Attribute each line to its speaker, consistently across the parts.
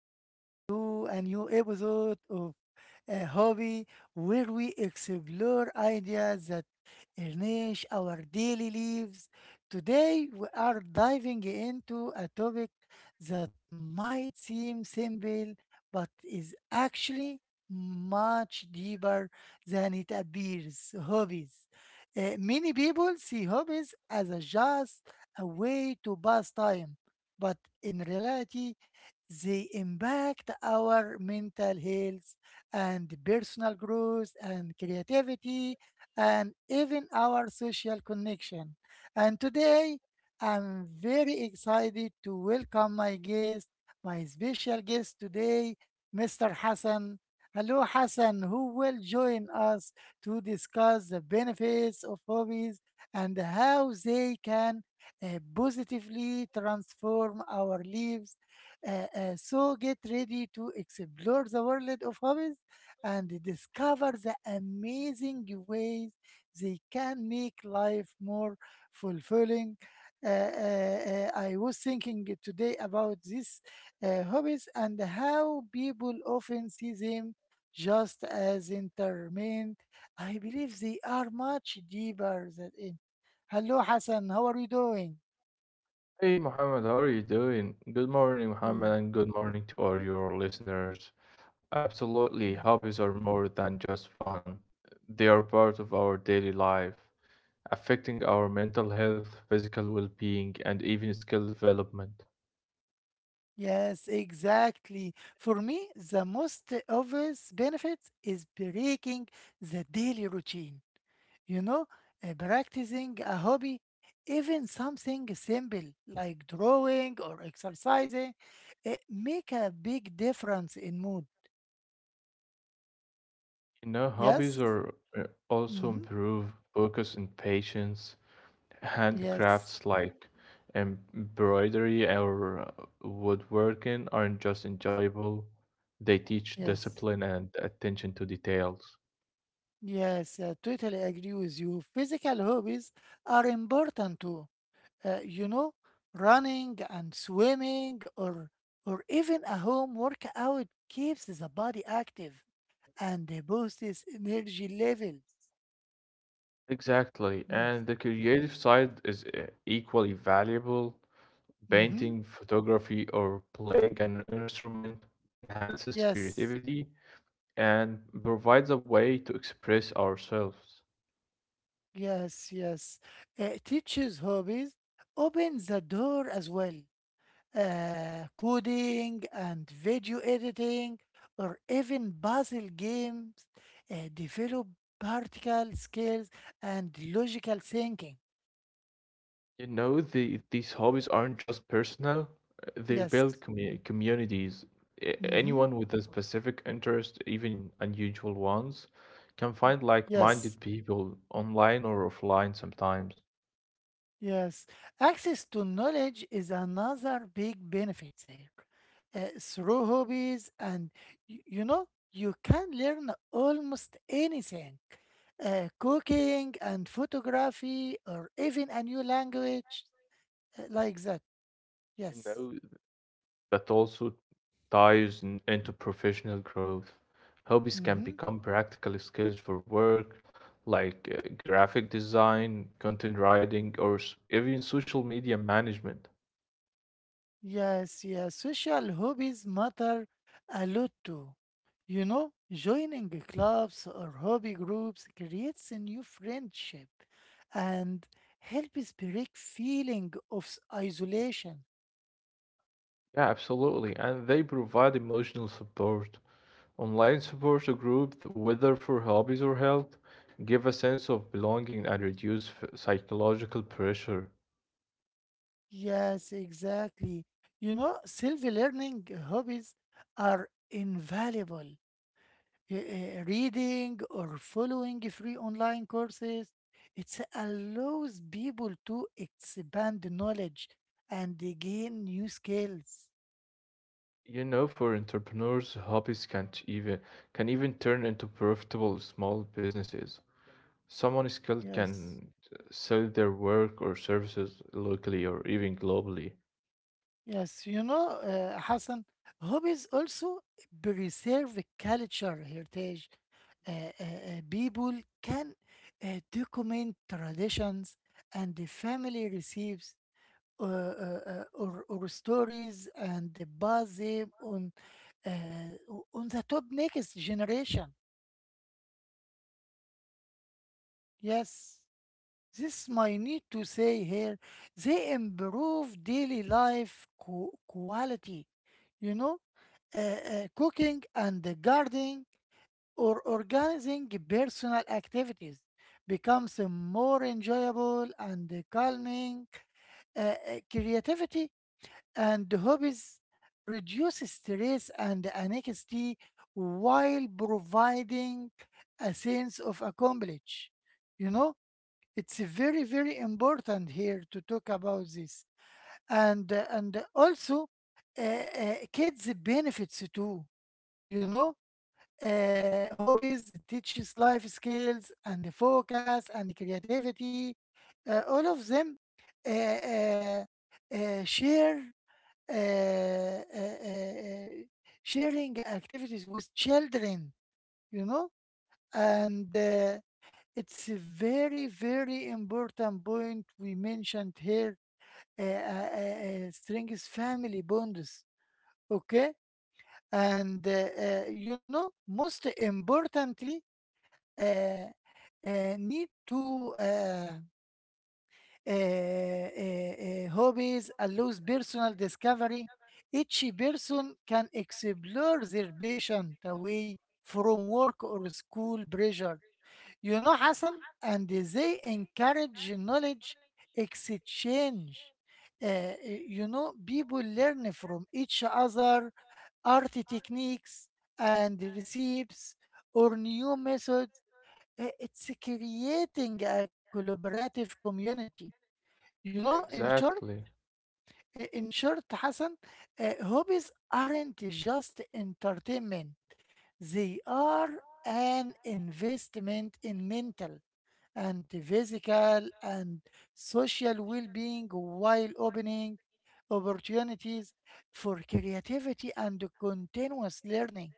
Speaker 1: Welcome to a new episode of a hobby where we explore ideas that enrich our daily lives. Today, we are diving into a topic that might seem simple but is actually much deeper than it appears hobbies. Many people see hobbies as a just a way to pass time, but in reality, they impact our mental health, and personal growth and creativity and even our social connection. And today I'm very excited to welcome my guest, my special guest today, Mr. Hassan. Hello, Hassan, who will join us to discuss the benefits of hobbies and how they can positively transform our lives. So get ready to explore the world of hobbies and discover the amazing ways they can make life more fulfilling. Uh, uh, I was thinking today about these hobbies and how people often see them just as entertainment. I believe they are much deeper than it. Hello, Hassan. How are you doing?
Speaker 2: Hey Mohammed, how are you doing? Good morning, Mohammed, and good morning to all your listeners. Absolutely, hobbies are more than just fun. They are part of our daily life, affecting our mental health, physical well-being, and even skill development.
Speaker 1: Yes, exactly. For me, the most obvious benefit is breaking the daily routine. You know, practicing a hobby, even something simple like drawing or exercising, it make a big difference in mood.
Speaker 2: You know,
Speaker 1: Yes?
Speaker 2: hobbies are also
Speaker 1: Mm-hmm.
Speaker 2: improve focus and patience.
Speaker 1: Yes.
Speaker 2: Handcrafts like embroidery or woodworking aren't just enjoyable, they teach
Speaker 1: Yes.
Speaker 2: discipline and attention to details.
Speaker 1: Yes, I totally agree with you. Physical hobbies are important too. You know, running and swimming or even a home workout keeps the body active and boosts energy levels.
Speaker 2: Exactly,
Speaker 1: Yes.
Speaker 2: and the creative side is equally valuable.
Speaker 1: Mm-hmm.
Speaker 2: Painting, photography, or playing an instrument enhances
Speaker 1: Yes.
Speaker 2: creativity and provides a way to express ourselves.
Speaker 1: Yes. Yes. Teaches hobbies opens the door as well. Coding and video editing or even puzzle games develop practical skills and logical thinking.
Speaker 2: You know, these hobbies aren't just personal, they
Speaker 1: Yes.
Speaker 2: build communities.
Speaker 1: Mm-hmm.
Speaker 2: Anyone with a specific interest, even unusual ones, can find
Speaker 1: Yes,
Speaker 2: like-minded people online or offline sometimes.
Speaker 1: yes. Access to knowledge is another big benefit there. Through hobbies, and you know, you can learn almost anything cooking and photography, or even a new language like that.
Speaker 2: You
Speaker 1: Yes.
Speaker 2: know, that also ties into professional growth. Hobbies can
Speaker 1: Mm-hmm.
Speaker 2: become practical skills for work, like graphic design, content writing, or even social media management.
Speaker 1: Yes, yes, social hobbies matter a lot too. You know, joining clubs or hobby groups creates a new friendship and helps break feeling of isolation.
Speaker 2: Yeah, absolutely. And they provide emotional support. Online support groups, whether for hobbies or health, give a sense of belonging and reduce psychological pressure.
Speaker 1: Yes, exactly. You know, self-learning hobbies are invaluable. Reading or following free online courses. It allows people to expand knowledge and they gain new skills.
Speaker 2: You know, for entrepreneurs, hobbies can even turn into profitable small businesses. Someone skilled
Speaker 1: Yes,
Speaker 2: can sell their work or services locally or even globally.
Speaker 1: yes. You know, Hassan, hobbies also preserve culture heritage. People can document traditions and the family recipes or stories and the buzzing on uh, on the top next generation. Yes, this my need to say here. They improve daily life quality. You know, cooking and the gardening or organizing personal activities becomes more enjoyable and calming. Creativity and hobbies reduce stress and anxiety while providing a sense of accomplishment. You know, it's very, very important here to talk about this. And also, kids benefits too, you know. Hobbies teaches life skills and focus and creativity. All of them uh, uh, share uh, uh, uh, uh, sharing activities with children, you know, and it's a very, very important point we mentioned here. Uh, uh, uh, Strengths family bonds, okay, and you know, most importantly, uh, need to. Hobbies allows personal discovery. Each person can explore their passion away from work or school pressure. You know, Hassan, and they encourage knowledge exchange. You know, people learn from each other art techniques and recipes or new methods. It's creating a collaborative community. You know, in short,
Speaker 2: Exactly,
Speaker 1: in short, Hassan, hobbies aren't just entertainment. They are an investment in mental and physical and social well-being while opening opportunities for creativity and continuous learning.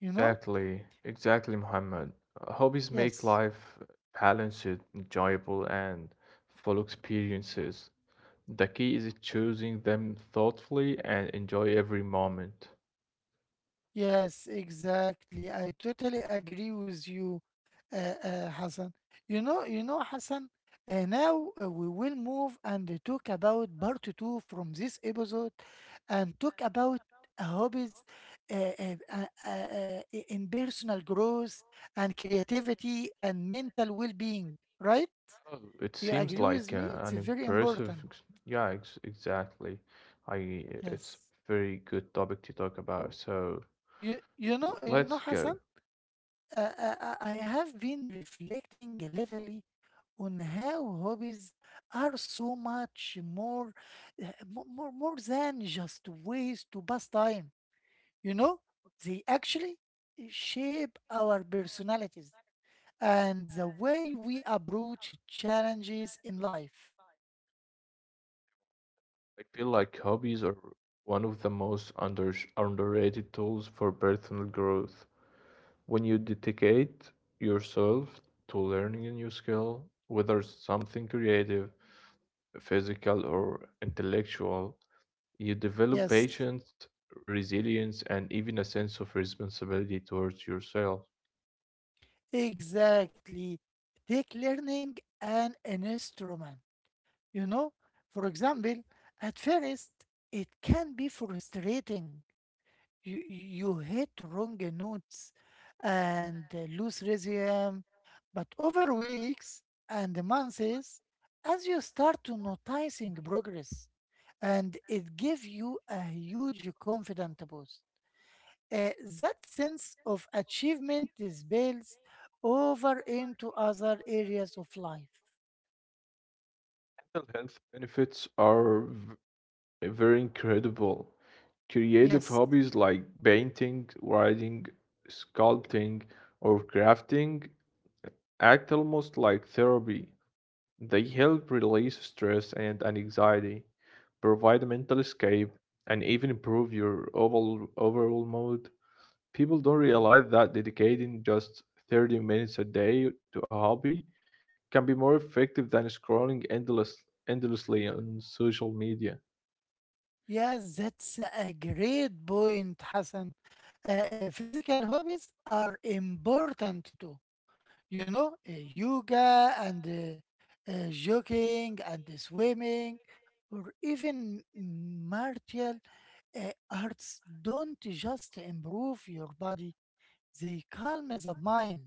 Speaker 1: You know?
Speaker 2: exactly, Muhammad. Hobbies make
Speaker 1: Yes.
Speaker 2: life balanced, enjoyable, and full experiences. The key is choosing them thoughtfully and enjoy every moment.
Speaker 1: Yes, exactly. I totally agree with you, Hassan. You know, Hassan. Now we will move and talk about part two from this episode, and talk about hobbies, in personal growth and creativity and mental well-being. Right?
Speaker 2: Oh, it
Speaker 1: You
Speaker 2: seems
Speaker 1: agree with
Speaker 2: like
Speaker 1: me? It's
Speaker 2: an
Speaker 1: very
Speaker 2: impressive,
Speaker 1: important.
Speaker 2: ex- yeah, ex exactly. I, it's
Speaker 1: Yes.
Speaker 2: very good topic to talk about. So
Speaker 1: You know you know,
Speaker 2: let's
Speaker 1: Hassan.
Speaker 2: go.
Speaker 1: I have been reflecting lately on how hobbies are so much more, more than just ways to pass time. You know, they actually shape our personalities and the way we approach challenges in life.
Speaker 2: I feel like hobbies are one of the most underrated tools for personal growth. When you dedicate yourself to learning a new skill, whether it's something creative, physical, or intellectual, you develop
Speaker 1: Yes,
Speaker 2: patience, resilience, and even a sense of responsibility towards yourself.
Speaker 1: exactly. Take learning an instrument. You know, for example, at first it can be frustrating. You hit wrong notes and lose rhythm, but over weeks and months, as you start to noticing progress, and it gives you a huge confidence boost. Uh, that sense of achievement spills over into other areas of life.
Speaker 2: Mental health benefits are very incredible. Creative
Speaker 1: Yes.
Speaker 2: hobbies like painting, writing, sculpting, or crafting act almost like therapy. They help release stress and anxiety, provide a mental escape, and even improve your overall mood. People don't realize that dedicating just 30 minutes a day to a hobby can be more effective than scrolling endlessly on social media.
Speaker 1: Yes, that's a great point, Hassan. Physical hobbies are important too. You know, yoga and jogging and swimming, or even martial arts don't just improve your body, they calm the mind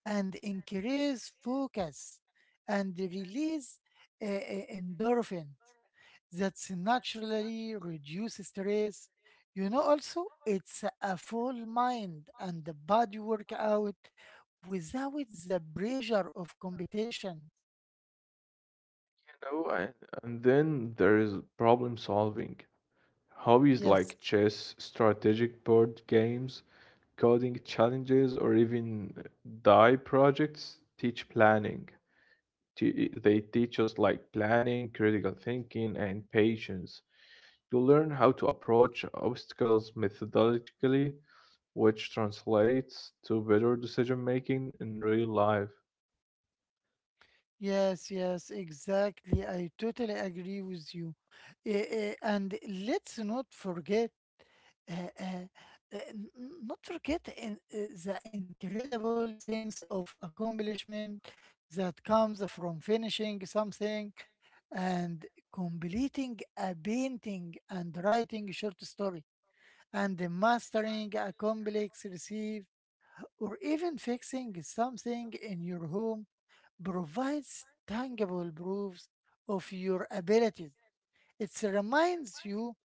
Speaker 1: and increase focus and release endorphins that naturally reduces stress. You know, also, it's a full mind and the body workout without the pressure of competition.
Speaker 2: You know, and then there is problem solving. Hobbies
Speaker 1: Yes,
Speaker 2: like chess, strategic board games, coding challenges, or even die projects teach planning. They teach us like planning, critical thinking, and patience. You learn how to approach obstacles methodologically, which translates to better decision making in real life.
Speaker 1: yes, yes, exactly. I totally agree with you. And let's not forget uh, uh, uh, n- not forget the incredible sense of accomplishment that comes from finishing something and completing a painting and writing a short story and mastering a complex recipe or even fixing something in your home provides tangible proofs of your abilities. It reminds you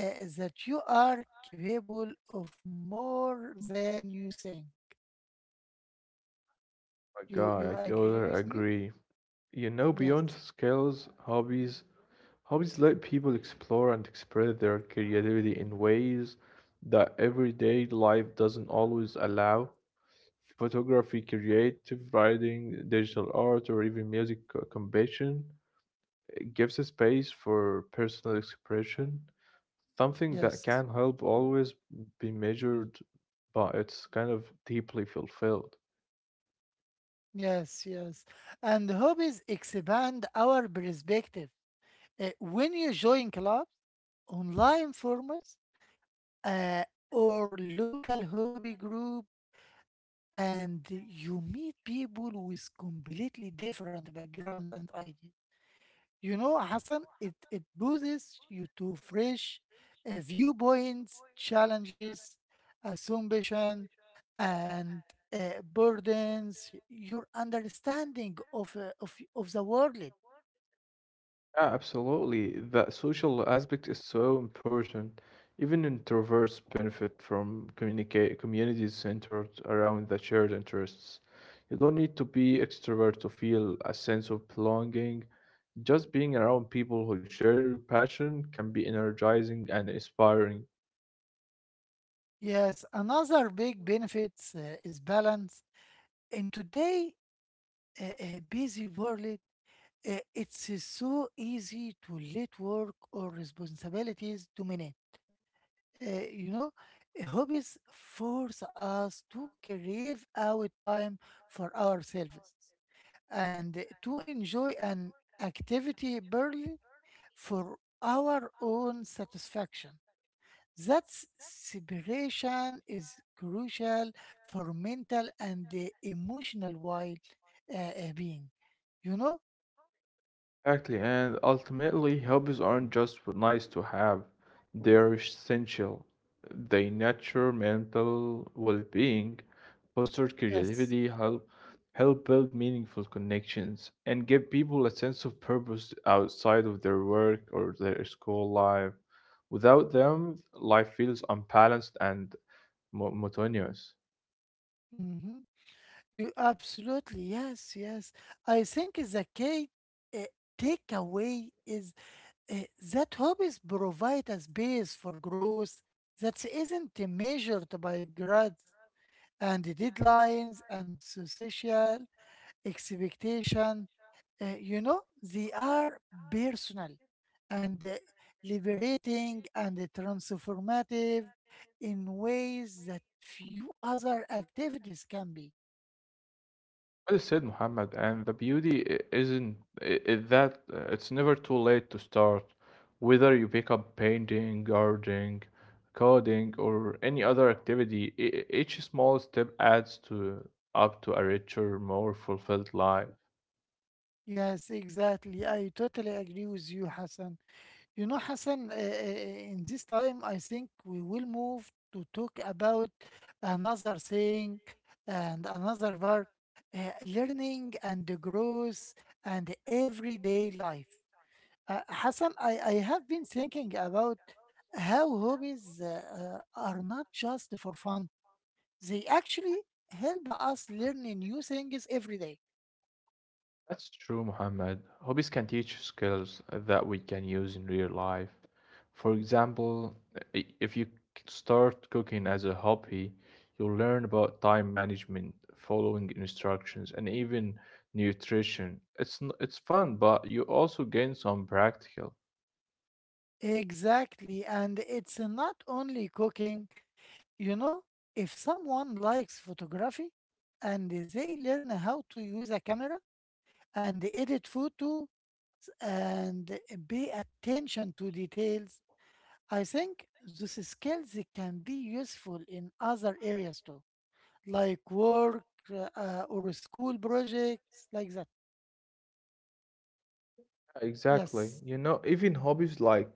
Speaker 1: uh, that you are capable of more than you think.
Speaker 2: My
Speaker 1: You
Speaker 2: God, I
Speaker 1: you agree
Speaker 2: totally
Speaker 1: with me?
Speaker 2: agree. You know, beyond
Speaker 1: Yes,
Speaker 2: skills, hobbies let people explore and express their creativity in ways that everyday life doesn't always allow. Photography, creative writing, digital art, or even music composition gives a space for personal expression, something that
Speaker 1: yes,
Speaker 2: can help always be measured, but it's kind of deeply fulfilled.
Speaker 1: yes, yes. And hobbies expand our perspective. When you join clubs, online formats, uh, or local hobby group, and you meet people with completely different backgrounds and ideas. You know, Hassan, it boosts you to fresh viewpoints, challenges, assumption, and burdens, your understanding of the world.
Speaker 2: Yeah, absolutely. That social aspect is so important. Even introverts benefit from communicate communities centered around the shared interests. You don't need to be extrovert to feel a sense of belonging. Just being around people who share your passion can be energizing and inspiring.
Speaker 1: Yes, another big benefit is balance. In today busy world, it's so easy to let work or responsibilities dominate. You know, hobbies force us to carve out time for ourselves and to enjoy an activity purely for our own satisfaction. That separation is crucial for mental and emotional well being. You know?
Speaker 2: Exactly, and ultimately, hobbies aren't just nice to have, they're essential. They nurture mental well being, foster
Speaker 1: Yes.
Speaker 2: creativity, help build meaningful connections, and give people a sense of purpose outside of their work or their school life. Without them, life feels unbalanced and monotonous.
Speaker 1: Hmm. You absolutely, yes, yes. I think the key uh, takeaway is uh, that hobbies provide a space for growth that isn't measured by grades and deadlines and social expectation. You know, they are personal and liberating and transformative in ways that few other activities can be.
Speaker 2: Well said, Muhammad. And the beauty I- isn't I- is that it's never too late to start. Whether you pick up painting, gardening, coding, or any other activity, each small step adds to up to a richer, more fulfilled life.
Speaker 1: Yes, exactly. I totally agree with you, Hassan. You know, Hassan, in this time, I think we will move to talk about another thing and another part uh, learning and the growth and everyday life. Hassan, I have been thinking about how hobbies are not just for fun, they actually help us learn new things every day.
Speaker 2: That's true, Muhammad. Hobbies can teach skills that we can use in real life. For example, if you start cooking as a hobby, you'll learn about time management, following instructions, and even nutrition. It's it's fun, but you also gain some practical.
Speaker 1: Exactly. And it's not only cooking. You know, if someone likes photography and they learn how to use a camera and edit photos and pay attention to details, I think those skills can be useful in other areas too, like work or school projects, like that.
Speaker 2: Exactly.
Speaker 1: Yes,
Speaker 2: You know, even hobbies like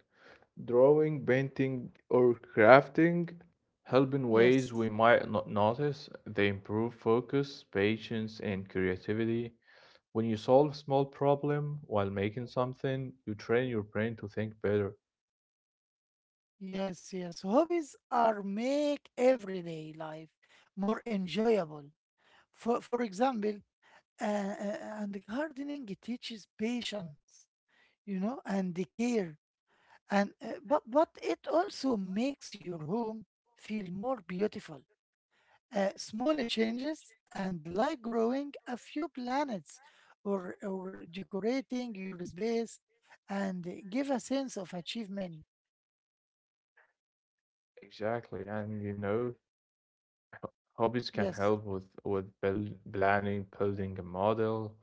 Speaker 2: drawing, painting, or crafting help in ways we
Speaker 1: yes,
Speaker 2: might not notice. They improve focus, patience, and creativity. When you solve a small problem while making something, you train your brain to think better.
Speaker 1: Yes, yes. Hobbies are make everyday life more enjoyable. For example, and gardening teaches patience, you know, and the care, and but it also makes your home feel more beautiful. Small changes and like growing a few plants or decorating your space and give a sense of achievement.
Speaker 2: Exactly, and you know, hobbies can
Speaker 1: Yes.
Speaker 2: help with build, planning, building a model,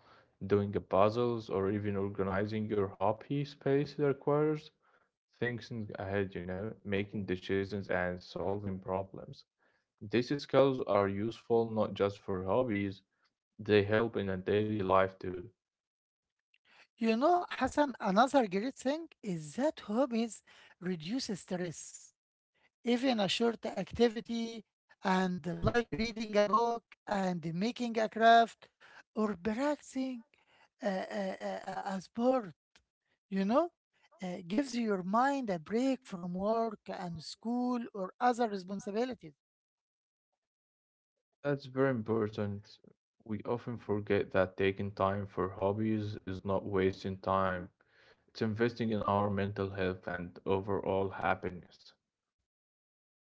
Speaker 2: doing a puzzles, or even organizing your hobby space that requires thinking ahead. You know, making decisions and solving problems. These skills are useful not just for hobbies, they help in a daily life too.
Speaker 1: You know, Hassan, another great thing is that hobbies reduce stress. Even a short activity, and like reading a book and making a craft or practicing a, a, a sport, you know, gives your mind a break from work and school or other responsibilities.
Speaker 2: That's very important. We often forget that taking time for hobbies is not wasting time. It's investing in our mental health and overall happiness.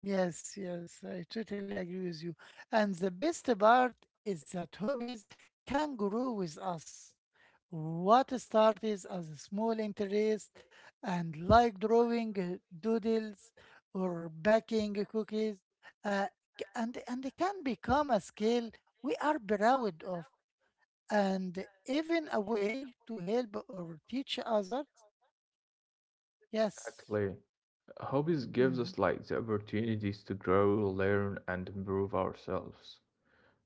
Speaker 1: Yes, yes, I totally agree with you. And the best part is that hobbies can grow with us. What started as a small interest and like drawing doodles or baking cookies uh, and it can become a skill we are proud of and even a way to help or teach others. Yes,
Speaker 2: Exactly. Hobbies gives
Speaker 1: mhm,
Speaker 2: us like the opportunities to grow, learn and improve ourselves,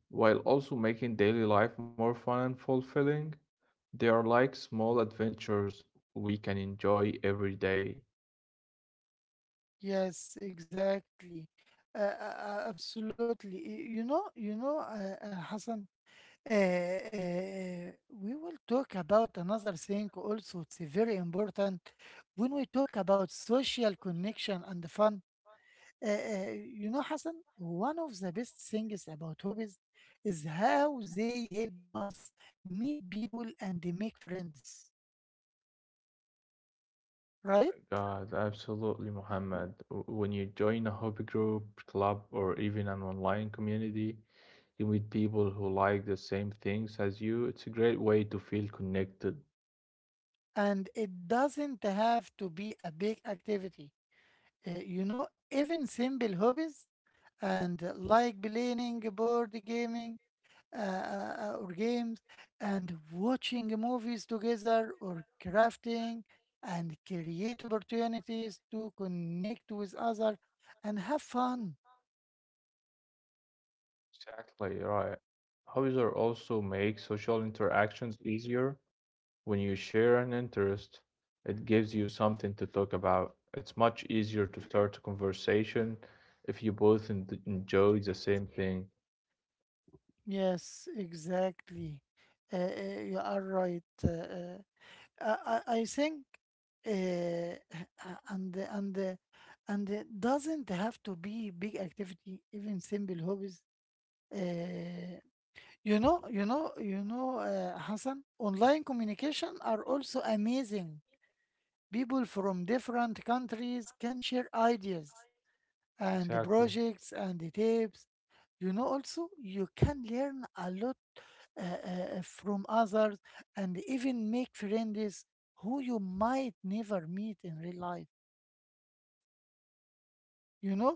Speaker 2: while also making daily life more fun and fulfilling. They are like small adventures we can enjoy every day.
Speaker 1: yes, exactly. Absolutely. You know, Hassan. Uh, uh, we will talk about another thing also it's very important when we talk about social connection and fun. uh, uh, you know, Hassan, one of the best things about hobbies is how they help us meet people and make friends, right?
Speaker 2: God, absolutely, Muhammad. When you join a hobby group, club, or even an online community, you meet people who like the same things as you. It's a great way to feel connected.
Speaker 1: And it doesn't have to be a big activity. Uh, you know, even simple hobbies and like playing board gaming or games and watching movies together or crafting and create opportunities to connect with others and have fun.
Speaker 2: Exactly right. Hobbies are also make social interactions easier when you share an interest. It gives you something to talk about. It's much easier to start a conversation if you both enjoy the same thing.
Speaker 1: Yes, exactly. You are right. I think h- and the- and it doesn't have to be big activity, even simple hobbies. Uh, You know, Hassan, online communication are also amazing. People from different countries can share ideas and the
Speaker 2: Exactly.
Speaker 1: projects and the tips. You know, also, you can learn a lot from others and even make friends who you might never meet in real life. You know,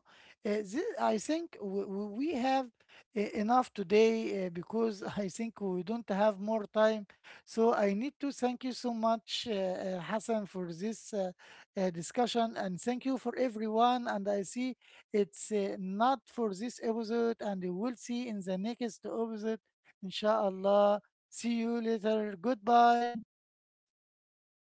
Speaker 1: this, I think we have enough today because I think we don't have more time. So I need to thank you so much, Hassan, for this discussion, and thank you for everyone. And I see it's not for this episode, and we will see in the next episode, inshallah. See you later. Goodbye.